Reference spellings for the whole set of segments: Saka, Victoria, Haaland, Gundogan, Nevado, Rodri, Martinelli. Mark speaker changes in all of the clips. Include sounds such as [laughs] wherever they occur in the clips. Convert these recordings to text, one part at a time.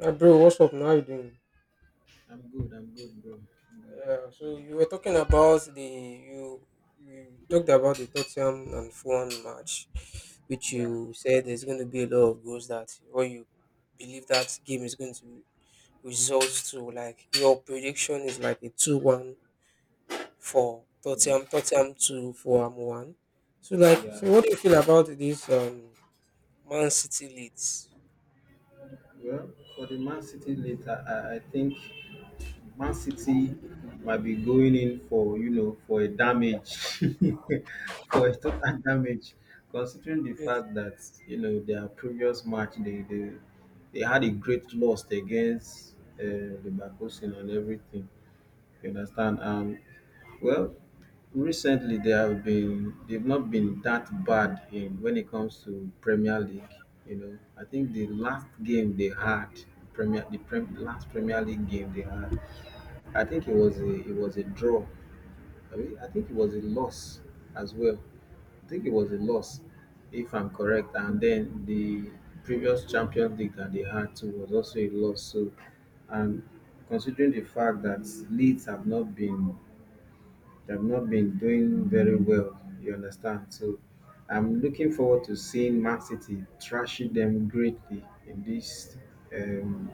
Speaker 1: Bro, what's up? Now you doing?
Speaker 2: I'm good, bro. Mm.
Speaker 1: Yeah, so you were talking about the you talked about the Tottenham and Fulham match, which
Speaker 2: Yeah,
Speaker 1: you said there's going to be a lot of goals that, or you believe that game is going to result to like your prediction is like a 2-1 for
Speaker 2: maybe.
Speaker 1: Tottenham, Tottenham two, Fulham one. So
Speaker 2: Yeah.
Speaker 1: what do you feel about this Man City leads?
Speaker 2: Well, for the Man City later, I think Man City might be going in for, you know, for a damage, [laughs] for a total damage, considering the
Speaker 1: Yes,
Speaker 2: fact that, you know, their previous match, they had a great loss against the Bakosin and everything. You understand? Well, recently, they've not been that bad in when it comes to Premier League. You know, I think the last game they had last Premier League game they had, I think it was a draw. I mean, I think it was a loss as well. I think it was a loss, if I'm correct. And then the previous Champions League that they had too was also a loss. So, and considering the fact that Leeds have not been I've not been doing very well, you understand? So I'm looking forward to seeing Man City thrashing them greatly in this um,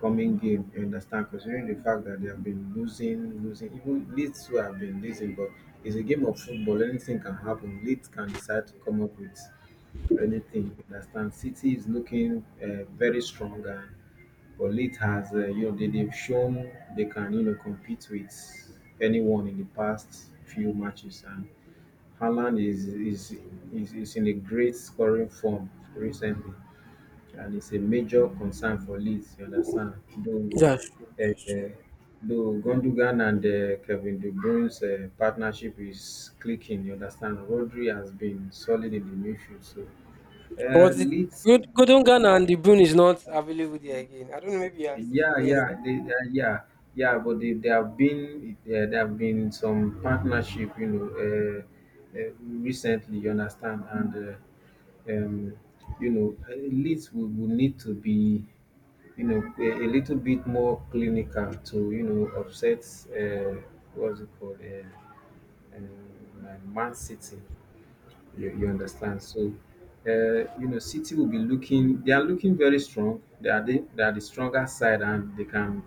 Speaker 2: coming game, you understand? Considering the fact that they have been losing, losing, even Leeds who have been losing, but it's a game of football, anything can happen. Leeds can decide to come up with anything, you understand? City is looking very strong and but Leeds has, you know, they've shown they can, you know, compete with anyone in the past few matches. And Haaland is in a great scoring form recently. And it's a major concern for Leeds, you understand?
Speaker 1: that's true.
Speaker 2: Uh,
Speaker 1: That's true.
Speaker 2: uh, though Gundogan and Kevin De Bruyne's partnership is clicking, you understand? Rodri has been solid in the midfield. So
Speaker 1: But the
Speaker 2: Leeds.
Speaker 1: good? Golden Ghana and the Boon is not available there again. I don't know. Maybe I'm still
Speaker 2: Yeah,
Speaker 1: following
Speaker 2: yeah,
Speaker 1: up.
Speaker 2: yeah, yeah. But there have been some partnership, you know, recently. You understand, and um, you know, leads will need to be, you know, a little bit more clinical to, you know, upset. Uh, what's it called? Man City, you understand, so you know city will be looking they are looking very strong, they are the stronger side and they can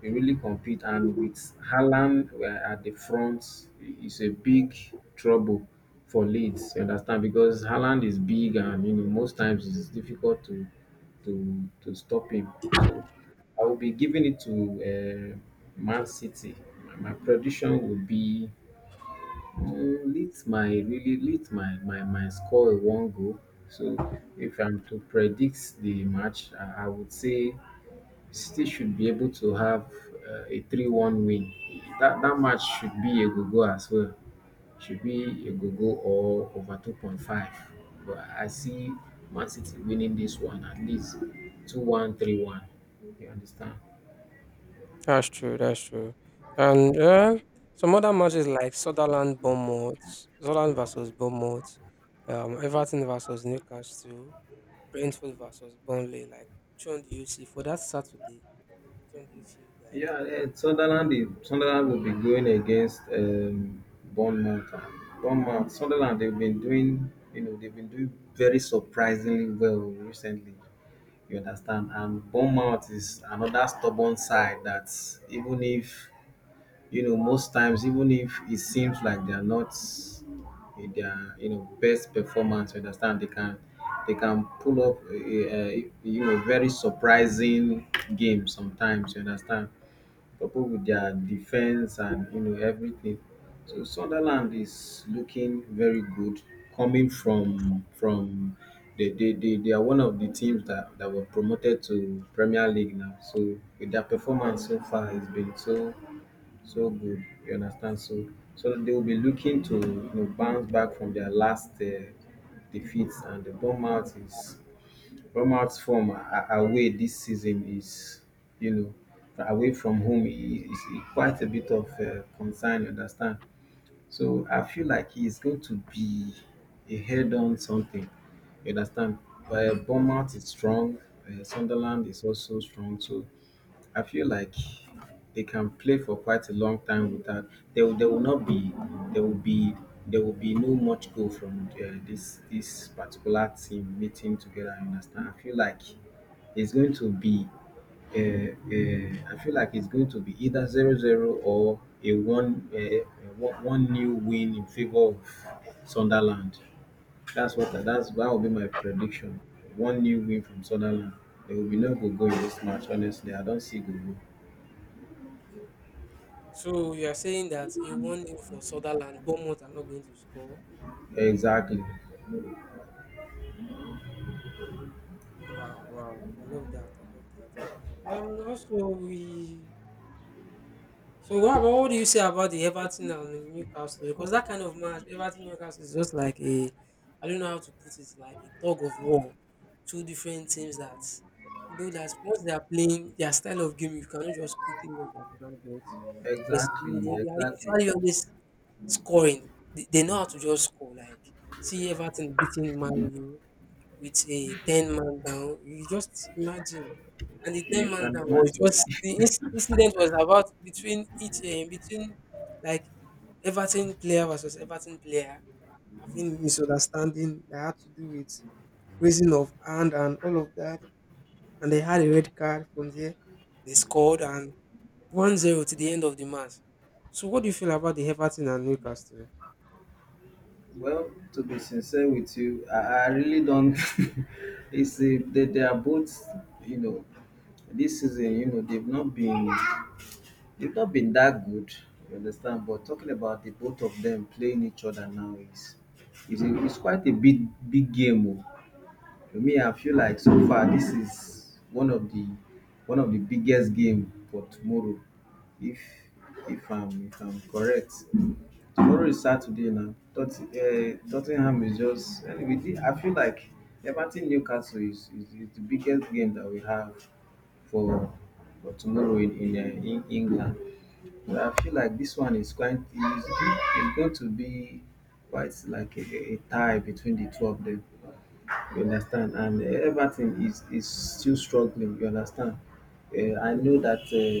Speaker 2: really compete and with Haaland at the front it's a big trouble for Leeds you understand because Haaland is big and you know most times it's difficult to stop him. So I will be giving it to Man City. My prediction will be, mm, Leeds might really lit my score a one goal. So if I'm to predict the match, I would say City should be able to have a three-one win. That match should be a go-go as well. Should be a go-go or over 2.5. But I see Man City winning this one at least two-one, three-one. You understand?
Speaker 1: That's true. That's true. And some other matches like Sutherland Bournemouth, Sutherland versus Bournemouth, Everton versus Newcastle, Brentford versus Burnley. Like, which one do you see for that Saturday? Which one do you feel like?
Speaker 2: Yeah, Sunderland will be going against Bournemouth. And Bournemouth, Sunderland, they've been doing, you know, they've been doing very surprisingly well recently. You understand? And Bournemouth is another stubborn side that even if, you know, most times, even if it seems like they are not in their, you know, best performance, you understand? They can pull up, you know, very surprising game sometimes. You understand? Coupled with their defence and you know everything. So Sunderland is looking very good coming from they are one of the teams that were promoted to Premier League now. So with their performance so far has been so good. You understand? So so they will be looking to you know bounce back from their last defeats. And the Bournemouth is Romark's form away this season is, you know, away from home is quite a bit of concern, you understand? So I feel like he's going to be a head on something, you understand? But Bournemouth is strong, Sunderland is also strong, so I feel like they can play for quite a long time without there will not be there will be there will be no much goal from this particular team meeting together. I understand. I feel like it's going to be. I feel like it's going to be either zero zero or a one one new win in favor of Sunderland. That's what that's that will be my prediction. One new win from Sunderland. There will be no goal go in this match. Honestly, I don't see goal.
Speaker 1: So you are saying that a one 0 for Sutherland, Bournemouth are not going to score.
Speaker 2: Exactly,
Speaker 1: Wow, wow! I love that. I love that. And also we So what, about what do you say about the Everton and Newcastle? Because that kind of match, Everton Newcastle is just like a, I don't know how to put it, like a tug of war. Two different teams that, you know, that once they are playing their style of game, you cannot just quickly understand. But it's- they, they
Speaker 2: exactly,
Speaker 1: they are
Speaker 2: exactly.
Speaker 1: usually always scoring. They know how to just score. Like see Everton beating Man U, with a 10-man down. You just imagine. And the 10
Speaker 2: You
Speaker 1: man
Speaker 2: can
Speaker 1: down was
Speaker 2: imagine.
Speaker 1: just, the incident was about between between like Everton player versus Everton player having misunderstanding that had to do with raising of hand and all of that. And they had a red card from there. They scored and 1-0 to the end of the match. So, what do you feel about the Everton and Newcastle?
Speaker 2: Well, to be sincere with you, I really don't. [laughs] it's they are both, you know, this season, you know, they've not been that good. You understand? But talking about the both of them playing each other now is quite a big, big game. Oh. To me I feel like so far this is one of the biggest game for tomorrow, if if I'm correct. Tomorrow is Saturday now. Tottenham is just anyway. We I feel like Everton Newcastle is the biggest game that we have for tomorrow in England. I feel like this one is going to be quite like a tie between the two of them. You understand? And everything is still struggling. You understand? I know that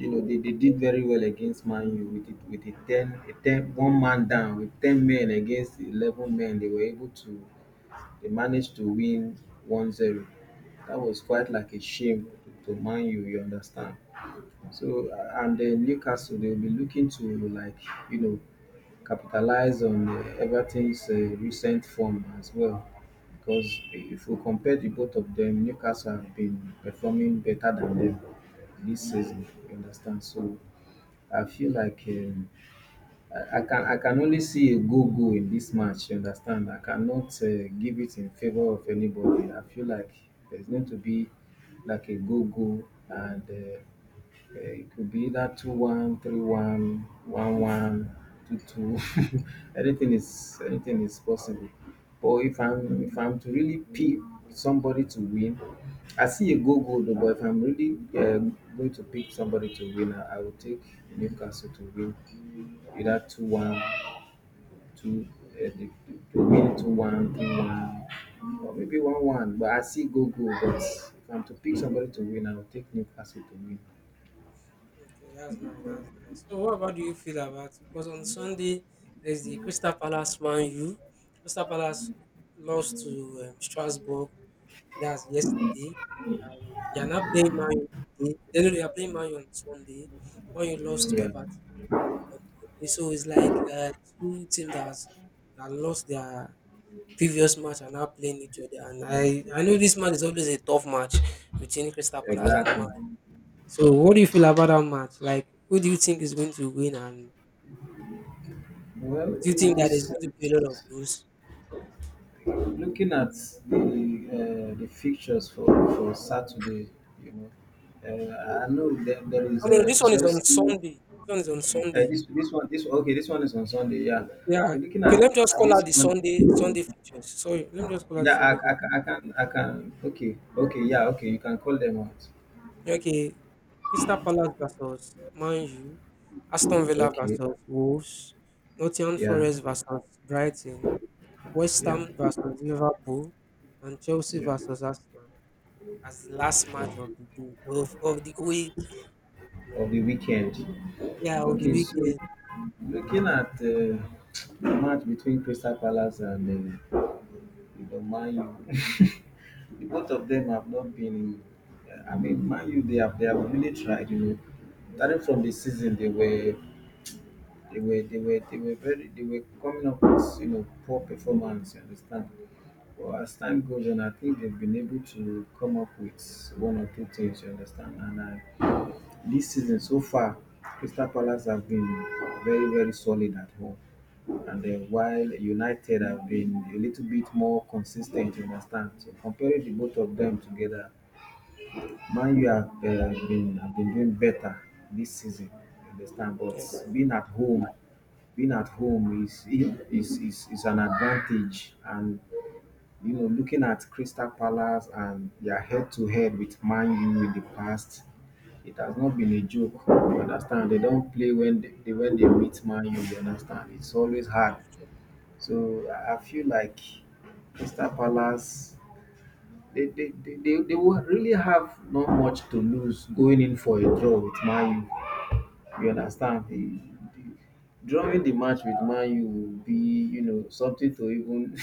Speaker 2: you know they did very well against Man U with a ten one man down, with ten men against 11 men. They managed to win 1-0. That was quite like a shame to Man U. You understand? So and then Newcastle they'll be looking to like you know capitalize on Everton's recent form as well. Because if we compare the both of them, Newcastle have been performing better than them this season. You understand? So I feel like I can only see a go-go in this match, you understand. I cannot give it in favor of anybody. I feel like there's going to be like a go-go, and it could be either two-one, three-one, one-one, two-two. [laughs] anything, anything is possible. But if I'm to really pick somebody to win, I see a go-go. Though, but if I'm really going to pick somebody to win, I will take Newcastle to win either two one two they win two one two one or maybe one one. But I see go go. But if I'm to pick somebody to win, I will take Newcastle to win.
Speaker 1: Okay, that's nice. That's nice. So, what about do you feel about? Because on Sunday there's the Crystal Palace Man U. Crystal Palace lost to Strasbourg. That's yesterday. They are not playing Man U today. They know they are playing Man U on Sunday. Man U lost to
Speaker 2: Yeah,
Speaker 1: Everton. So it's like two teams that has, that lost their previous match are now playing each other. And I know this match is always a tough match between Crystal Palace and
Speaker 2: exactly.
Speaker 1: Man. So what do you feel about that match? Like who do you think is going to win and
Speaker 2: Well,
Speaker 1: do you think that there's
Speaker 2: this
Speaker 1: going to be a lot of goals?
Speaker 2: looking at the fixtures for Saturday, you know, I know that there is
Speaker 1: I mean
Speaker 2: a
Speaker 1: this one is on
Speaker 2: Chelsea.
Speaker 1: Sunday. This one is on Sunday.
Speaker 2: This this one this okay, this one is on Sunday. Yeah. So
Speaker 1: Yeah.
Speaker 2: looking
Speaker 1: Okay,
Speaker 2: at
Speaker 1: let me just call
Speaker 2: this
Speaker 1: out the
Speaker 2: one.
Speaker 1: Sunday features. Sorry, let me just call out the
Speaker 2: Yeah,
Speaker 1: Sunday features.
Speaker 2: I can. Okay, okay, yeah, okay. You can call them out.
Speaker 1: Okay. Crystal Palace versus Man U, Aston Villa
Speaker 2: Okay,
Speaker 1: versus Wolves, Nottingham
Speaker 2: yeah,
Speaker 1: Forest versus Brighton, West
Speaker 2: yeah,
Speaker 1: Ham versus Liverpool, and Chelsea
Speaker 2: yeah.
Speaker 1: versus Arsenal as the last
Speaker 2: Wow.
Speaker 1: match of the day of the week.
Speaker 2: Of the weekend.
Speaker 1: Yeah, of the
Speaker 2: Okay, so
Speaker 1: weekend.
Speaker 2: looking at the match between Crystal Palace and you know, Man U, [laughs] the both of them have not been. I mean, Man U, they have really tried. You know, starting from the season, they were coming up with you know poor performance. You understand? But as time goes on, I think they've been able to come up with one or two things. You understand? And I, this season so far, Crystal Palace have been very very solid at home. And then while United have been a little bit more consistent, you understand. So comparing the both of them together, Man U have been have been doing better this season, you understand. But
Speaker 1: Yes,
Speaker 2: being at home being at home is an advantage and you know looking at Crystal Palace and their head to head with Man U in the past, it has not been a joke, you understand. They don't play when when they meet Man U, you understand, it's always hard.
Speaker 1: that's true.
Speaker 2: So I feel like Crystal Palace they will really have not much to lose going in for a draw with Man U. You understand? The drawing the match with Man U will be, you know, something to even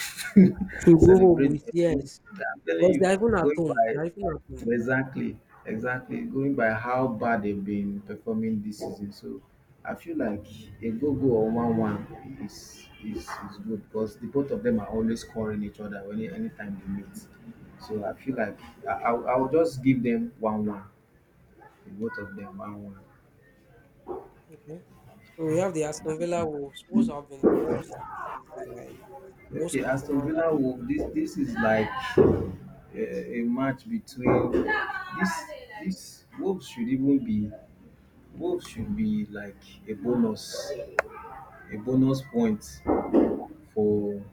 Speaker 1: She
Speaker 2: [laughs]
Speaker 1: go home
Speaker 2: celebrate.
Speaker 1: with,
Speaker 2: I'm
Speaker 1: yes.
Speaker 2: telling
Speaker 1: Because they're
Speaker 2: you,
Speaker 1: even at
Speaker 2: going
Speaker 1: home.
Speaker 2: by
Speaker 1: They're even at home.
Speaker 2: exactly, exactly, going by how bad they've been performing this season. So I feel like a go go or one one is good because the both of them are always scoring each other when anytime they meet. So I feel like I'll just give them one one, the both of them one one.
Speaker 1: Okay. So we have the Aston Villa Wolves. Wolves have been the worst this season, like worst
Speaker 2: Okay, Aston
Speaker 1: performance
Speaker 2: Villa
Speaker 1: of
Speaker 2: will this is like a match between this Wolves should even be Wolves should be like a bonus a bonus point for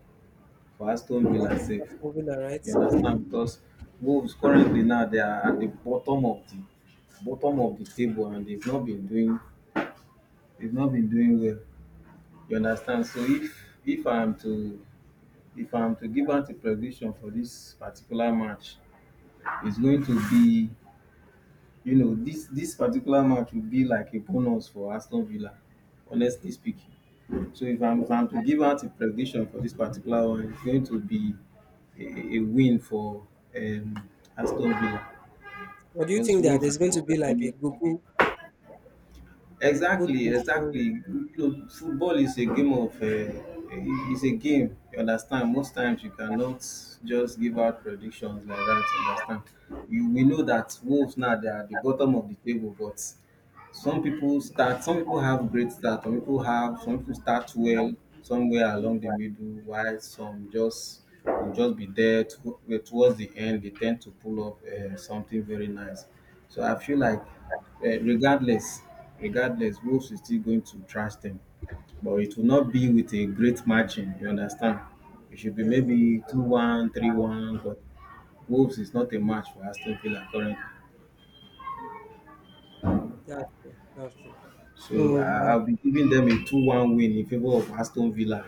Speaker 2: for Aston
Speaker 1: Fra-
Speaker 2: Villa sake.
Speaker 1: Aston Villa, right?
Speaker 2: You understand? Because Wolves currently now they are at the bottom of the bottom of the table, and they've not been doing they've not been doing well. You understand? So if I'm to if I'm to give out a prediction for this particular match, it's going to be, this particular match will be like a bonus for Aston Villa, honestly speaking. So if I'm to give out a prediction for this particular one, it's going to be a win for um, Aston Villa
Speaker 1: But do you
Speaker 2: because
Speaker 1: think that
Speaker 2: Wolves
Speaker 1: there's
Speaker 2: have
Speaker 1: going
Speaker 2: been
Speaker 1: to be like a
Speaker 2: performing.
Speaker 1: Google, like both
Speaker 2: Exactly,
Speaker 1: teams
Speaker 2: exactly.
Speaker 1: scoring?
Speaker 2: You know, football is a game of it's a game. You understand? Most times you cannot just give out predictions like that. You understand? You we know that Wolves now they are at the bottom of the table, but some people start some people have great start some people have some people start well somewhere along the middle, while some just will just be there to, eh, towards the end they tend to pull up something very nice. So I feel like regardless regardless Wolves is still going to trash them, but it will not be with a great margin. You understand? It should be
Speaker 1: Yeah, yeah, I
Speaker 2: maybe two
Speaker 1: understand.
Speaker 2: one, 3-1. But Wolves is not a match for Aston Villa currently.
Speaker 1: That's true. That's true. So
Speaker 2: So I-
Speaker 1: like
Speaker 2: I'll be giving them a 2-1 win in favor of Aston Villa.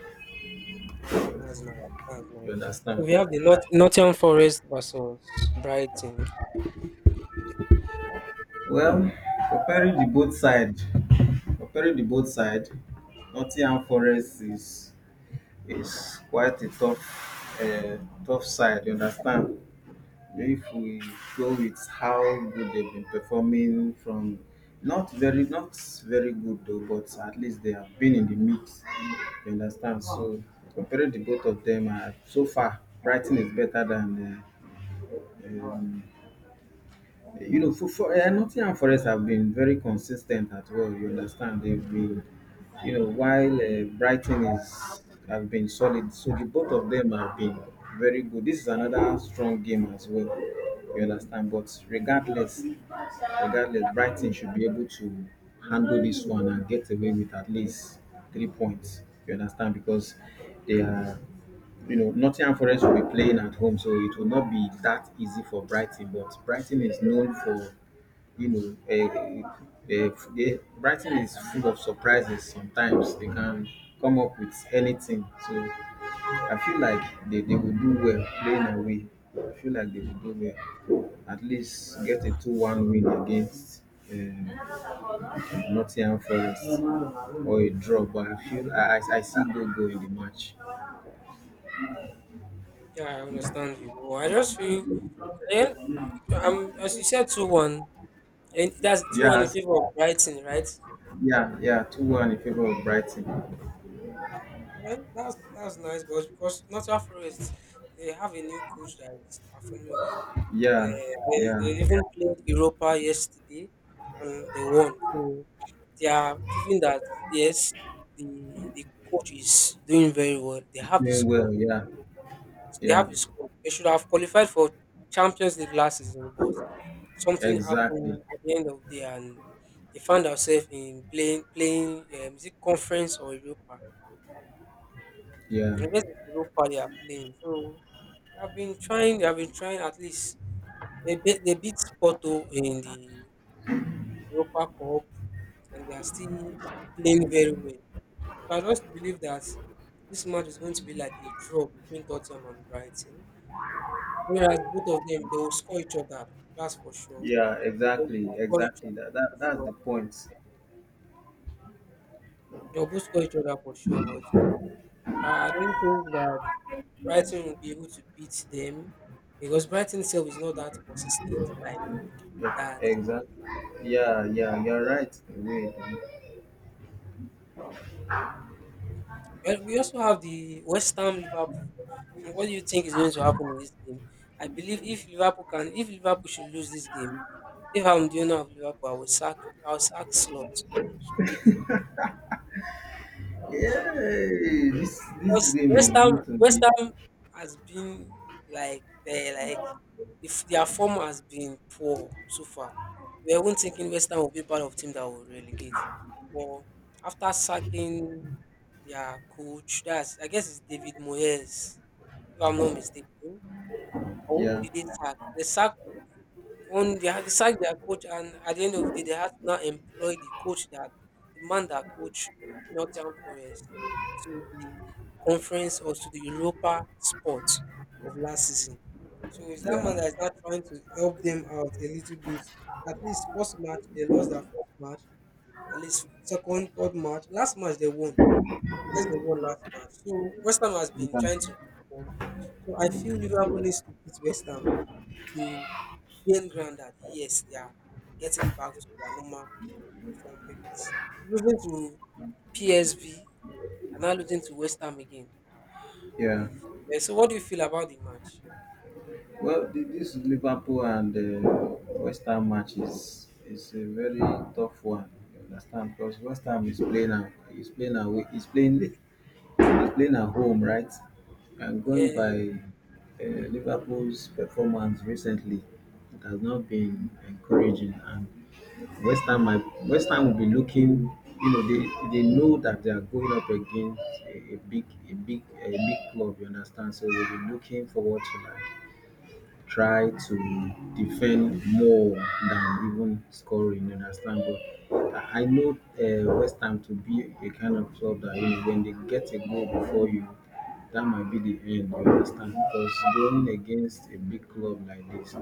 Speaker 1: that, that's nice. That's nice.
Speaker 2: You
Speaker 1: So
Speaker 2: understand?
Speaker 1: we have the Nottingham Forest versus Brighton.
Speaker 2: Well, comparing the both side, comparing the both side, Nottingham Forest is quite a tough, tough side. You understand? If we go with how good they've been performing from not very not very good though, but at least they have been in the mix. You understand? So comparing the both of them, so far Brighton is better than uh, um, you know, for Nottingham Forest have been very consistent at well. You understand, they've been, you know, while Brighton is have been solid. So the both of them have been very good. This is another strong game as well. You understand, but regardless, regardless, Brighton should be able to handle this one and get away with at least 3 points. You understand? Because they are, you know, Nottingham Forest will be playing at home, so it will not be that easy for Brighton. But Brighton is known for, you know, Brighton is full of surprises. Sometimes they can come up with anything. So I feel like they will do well playing away. I feel like they will do well. At least get a 2-1 win against um, Nottingham Forest or a draw. But I feel I see goal go in the match.
Speaker 1: Yeah, I understand you. But I just feel at the end. As you said, 2-1, and that's two
Speaker 2: Yeah, I
Speaker 1: one in
Speaker 2: s-
Speaker 1: favor of Brighton, right?
Speaker 2: yeah. 2-1 in favor of Brighton.
Speaker 1: Well, that's nice, but because Nottingham Forest they have a new coach that is performing well.
Speaker 2: Yeah,
Speaker 1: They
Speaker 2: yeah.
Speaker 1: even played Europa yesterday, and they won. So they are proving that yes, the coach is doing very well. They
Speaker 2: He's
Speaker 1: have the
Speaker 2: doing well.
Speaker 1: score.
Speaker 2: Yeah,
Speaker 1: They
Speaker 2: yeah.
Speaker 1: have the score. They should have qualified for Champions League last season, but something
Speaker 2: Exactly.
Speaker 1: happened at the end of the day and they found ourselves in playing is it conference or Europa?
Speaker 2: Yeah,
Speaker 1: I guess it's Europa they are playing. So they have been trying, they have been trying at least they beat Porto in the Europa Cup and they are still playing very well. So I just believe that this match is going to be like a draw between Tottenham and Brighton. Whereas both of them they will score each other, that's for sure.
Speaker 2: yeah.
Speaker 1: They will both
Speaker 2: Exactly,
Speaker 1: score each
Speaker 2: exactly.
Speaker 1: other
Speaker 2: That
Speaker 1: for
Speaker 2: that's
Speaker 1: sure.
Speaker 2: the point.
Speaker 1: They'll both score each other for sure. I don't think that Brighton will be able to beat them because Brighton itself is not that consistent like
Speaker 2: Yeah,
Speaker 1: that.
Speaker 2: exactly. Yeah, yeah. You're right. Wait.
Speaker 1: And we also have the West Ham Liverpool. What do you think is going to happen in this game? I believe if Liverpool can, if Liverpool should lose this game, if I'm the owner of Liverpool, I'll sack Slot.
Speaker 2: Yay! This
Speaker 1: Because
Speaker 2: game is going to
Speaker 1: West
Speaker 2: me.
Speaker 1: Ham has been like if their form has been poor so far. We weren't thinking West Ham will be part of team that will relegate. But after sacking their coach, that's I guess it's David Moyes, if I'm not mistaken. Or who
Speaker 2: Yeah,
Speaker 1: did they sack? They sack one, they had sacked their coach, and at the end of the day, they had to now employ the coach that the man that coached Nottingham Forest to the conference or to the Europa sport of last season. So it's that man
Speaker 2: yeah,
Speaker 1: that is now trying to help them out a little bit. At least first match they lost their first match. At least second, third match. Last match they won. Yes, they won last match. So West Ham has been trying to
Speaker 2: yeah.
Speaker 1: perform. So I feel Liverpool needs to beat West Ham to being grounded, yes, they are getting back to their normal form because losing to PSV and now losing to West Ham again. Ah.
Speaker 2: Yeah.
Speaker 1: Yeah, so what do you feel about the match?
Speaker 2: Well, this Liverpool and West Ham match is a very tough one. You understand? Because West Ham is playing at, is playing away is playing at home, right? And
Speaker 1: Yeah,
Speaker 2: going by Liverpool's performance recently, it has not been encouraging, and West Ham will be looking, you know, they know that they are going up against a big club, you understand? So they'll be looking forward to that try to defend more than even scoring, you understand? But I know West Ham to be a kind of club that, you know, when they get a goal before you, that might be the end, you understand? Because going against a big club like this,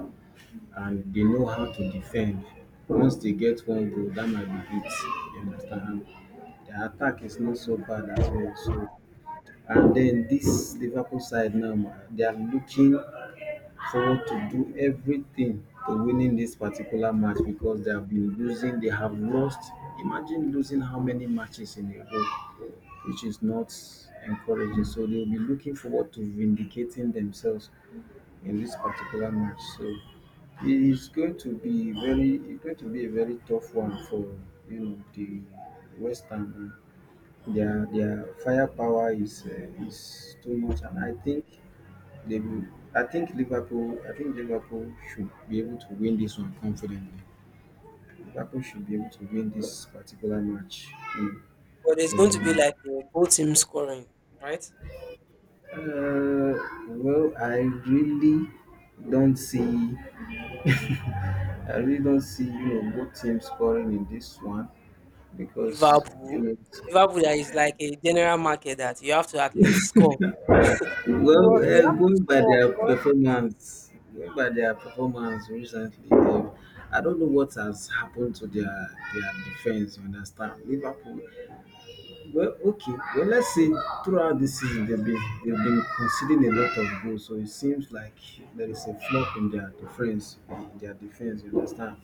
Speaker 2: and they know how to defend. Once they get one goal, that might be it. You understand? And their attack is not so bad as well. So, and then this Liverpool side now, ma, they are looking for to do everything to winning this particular match because they have been losing. They have lost. Imagine losing how many matches in a row, which is not encouraging. So they'll be looking forward to vindicating themselves in this particular match. So it's going to be very, it's going to be a very tough one for you know the West Ham. Their firepower is too much, and I think they will, I think Liverpool. I think Liverpool should be able to win this one confidently. Liverpool should be able to win this particular match. Mm.
Speaker 1: but there's going to be
Speaker 2: Um,
Speaker 1: like a both team scoring, right?
Speaker 2: uh, well, I really don't see. I really don't see you know both teams scoring in this one because you
Speaker 1: Liverpool,
Speaker 2: know,
Speaker 1: Liverpool that is like a general market that you have to at least score. You
Speaker 2: well,
Speaker 1: must, you have to
Speaker 2: going by
Speaker 1: score
Speaker 2: their
Speaker 1: because
Speaker 2: performance, going by their performance recently, they I don't know what has happened to their defense. You understand? Liverpool Well, okay. Well, let's say throughout this season they've been conceding a lot of goals, so it seems like there is a flop in their defense. In their defense, you understand?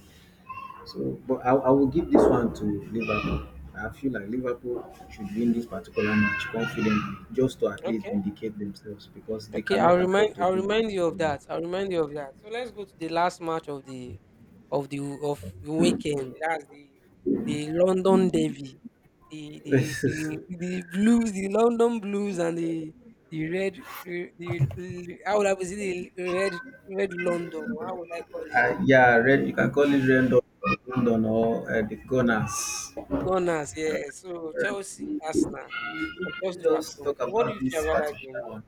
Speaker 2: So, but I will give this one to Liverpool. I feel like Liverpool should win this particular match confidently, just to at least
Speaker 1: okay.
Speaker 2: vindicate themselves because they
Speaker 1: Okay,
Speaker 2: cannot afford to
Speaker 1: I'll
Speaker 2: do
Speaker 1: remind you of that. I'll remind you of that. So let's go to the last match of the of the weekend. That's the London Derby. The the the,
Speaker 2: this.
Speaker 1: the blues, the London blues and the how would I put it, the red London or how would I call
Speaker 2: [laughs]
Speaker 1: it?
Speaker 2: Yeah, red. You can call it Rendon, Rendon or the Gunners.
Speaker 1: The Gunners, yeah. So Chelsea Arsenal and Chelsea's at
Speaker 2: Just
Speaker 1: home.
Speaker 2: talk
Speaker 1: What do
Speaker 2: about
Speaker 1: you feel
Speaker 2: this
Speaker 1: about that game?
Speaker 2: particular one.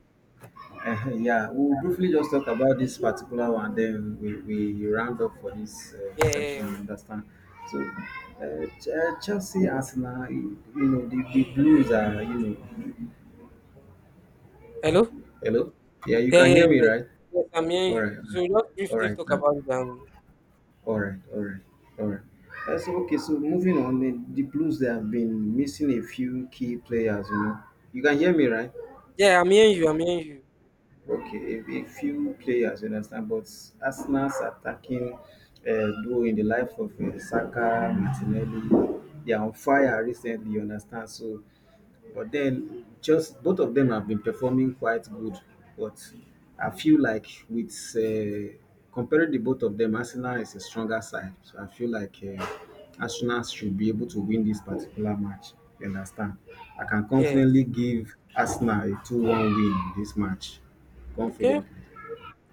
Speaker 2: Yeah, we'll briefly just talk about this particular one, we round up for this
Speaker 1: Yeah, yeah.
Speaker 2: session.
Speaker 1: yeah.
Speaker 2: Understand? So, Chelsea, Arsenal, you know, the
Speaker 1: Hey, hey,
Speaker 2: Blues are,
Speaker 1: wahala
Speaker 2: you
Speaker 1: ti wa o.
Speaker 2: know.
Speaker 1: Hello?
Speaker 2: Hello? Yeah, you
Speaker 1: Yeah,
Speaker 2: can
Speaker 1: yeah,
Speaker 2: hear
Speaker 1: yeah,
Speaker 2: me,
Speaker 1: Yes.
Speaker 2: right?
Speaker 1: Yes, I'm hearing
Speaker 2: All right,
Speaker 1: you.
Speaker 2: all
Speaker 1: So
Speaker 2: right,
Speaker 1: just
Speaker 2: all
Speaker 1: briefly
Speaker 2: right,
Speaker 1: talk
Speaker 2: huh?
Speaker 1: about it and
Speaker 2: All right, all right. So, okay, so moving on, the Blues they have been missing a few key players, you know. You can hear me, right?
Speaker 1: yeah, I'm hearing you.
Speaker 2: Okay, a few players, you understand, but Arsenal's attacking duo in the life of Saka, Martinelli, they are on fire recently, you understand. So but then just both of them have been performing quite good. But I feel like with uh, comparing the both of them, Arsenal is a stronger side. So I feel like Arsenal should be able to win this particular match. You understand? I can
Speaker 1: Yes.
Speaker 2: confidently give Arsenal a 2-1 win in this match.
Speaker 1: Okay.
Speaker 2: Confidently.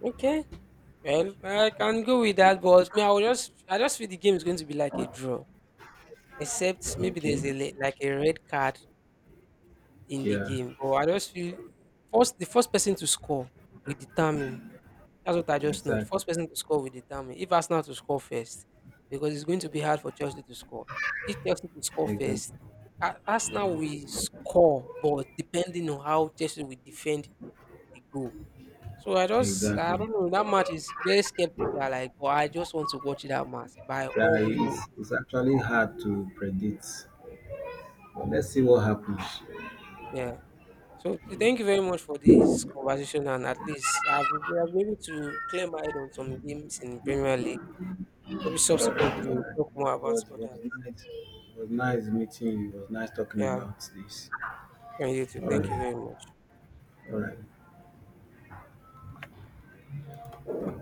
Speaker 1: Okay. Well, I can go with that, but me, I just feel the game is going to be like a draw. Except maybe
Speaker 2: Okay.
Speaker 1: there's a like a red card in the
Speaker 2: Yeah.
Speaker 1: game. But I just feel first the first person to score will determine. That's what I just know.
Speaker 2: Exactly.
Speaker 1: First person to score will determine. If Arsenal to score first, because it's going to be hard for Chelsea to score. If Chelsea to score first,
Speaker 2: Exactly.
Speaker 1: Arsenal will score, but depending on how Chelsea will defend the goal. So I
Speaker 2: Exactly.
Speaker 1: don't know. That match is very skeptical. Like, but I just want to watch that match by
Speaker 2: Yeah,
Speaker 1: all means.
Speaker 2: it's actually hard to predict. But let's see what happens.
Speaker 1: Yeah. So thank you very much for this conversation, and at least I've able to clear my head on some games in Premier League. Maybe subsequently
Speaker 2: Alright.
Speaker 1: we'll talk more about
Speaker 2: It was
Speaker 1: others.
Speaker 2: nice. It was nice meeting you. It was nice talking
Speaker 1: Yeah.
Speaker 2: about this.
Speaker 1: And you too.
Speaker 2: All
Speaker 1: Thank you
Speaker 2: right.
Speaker 1: very much.
Speaker 2: All right.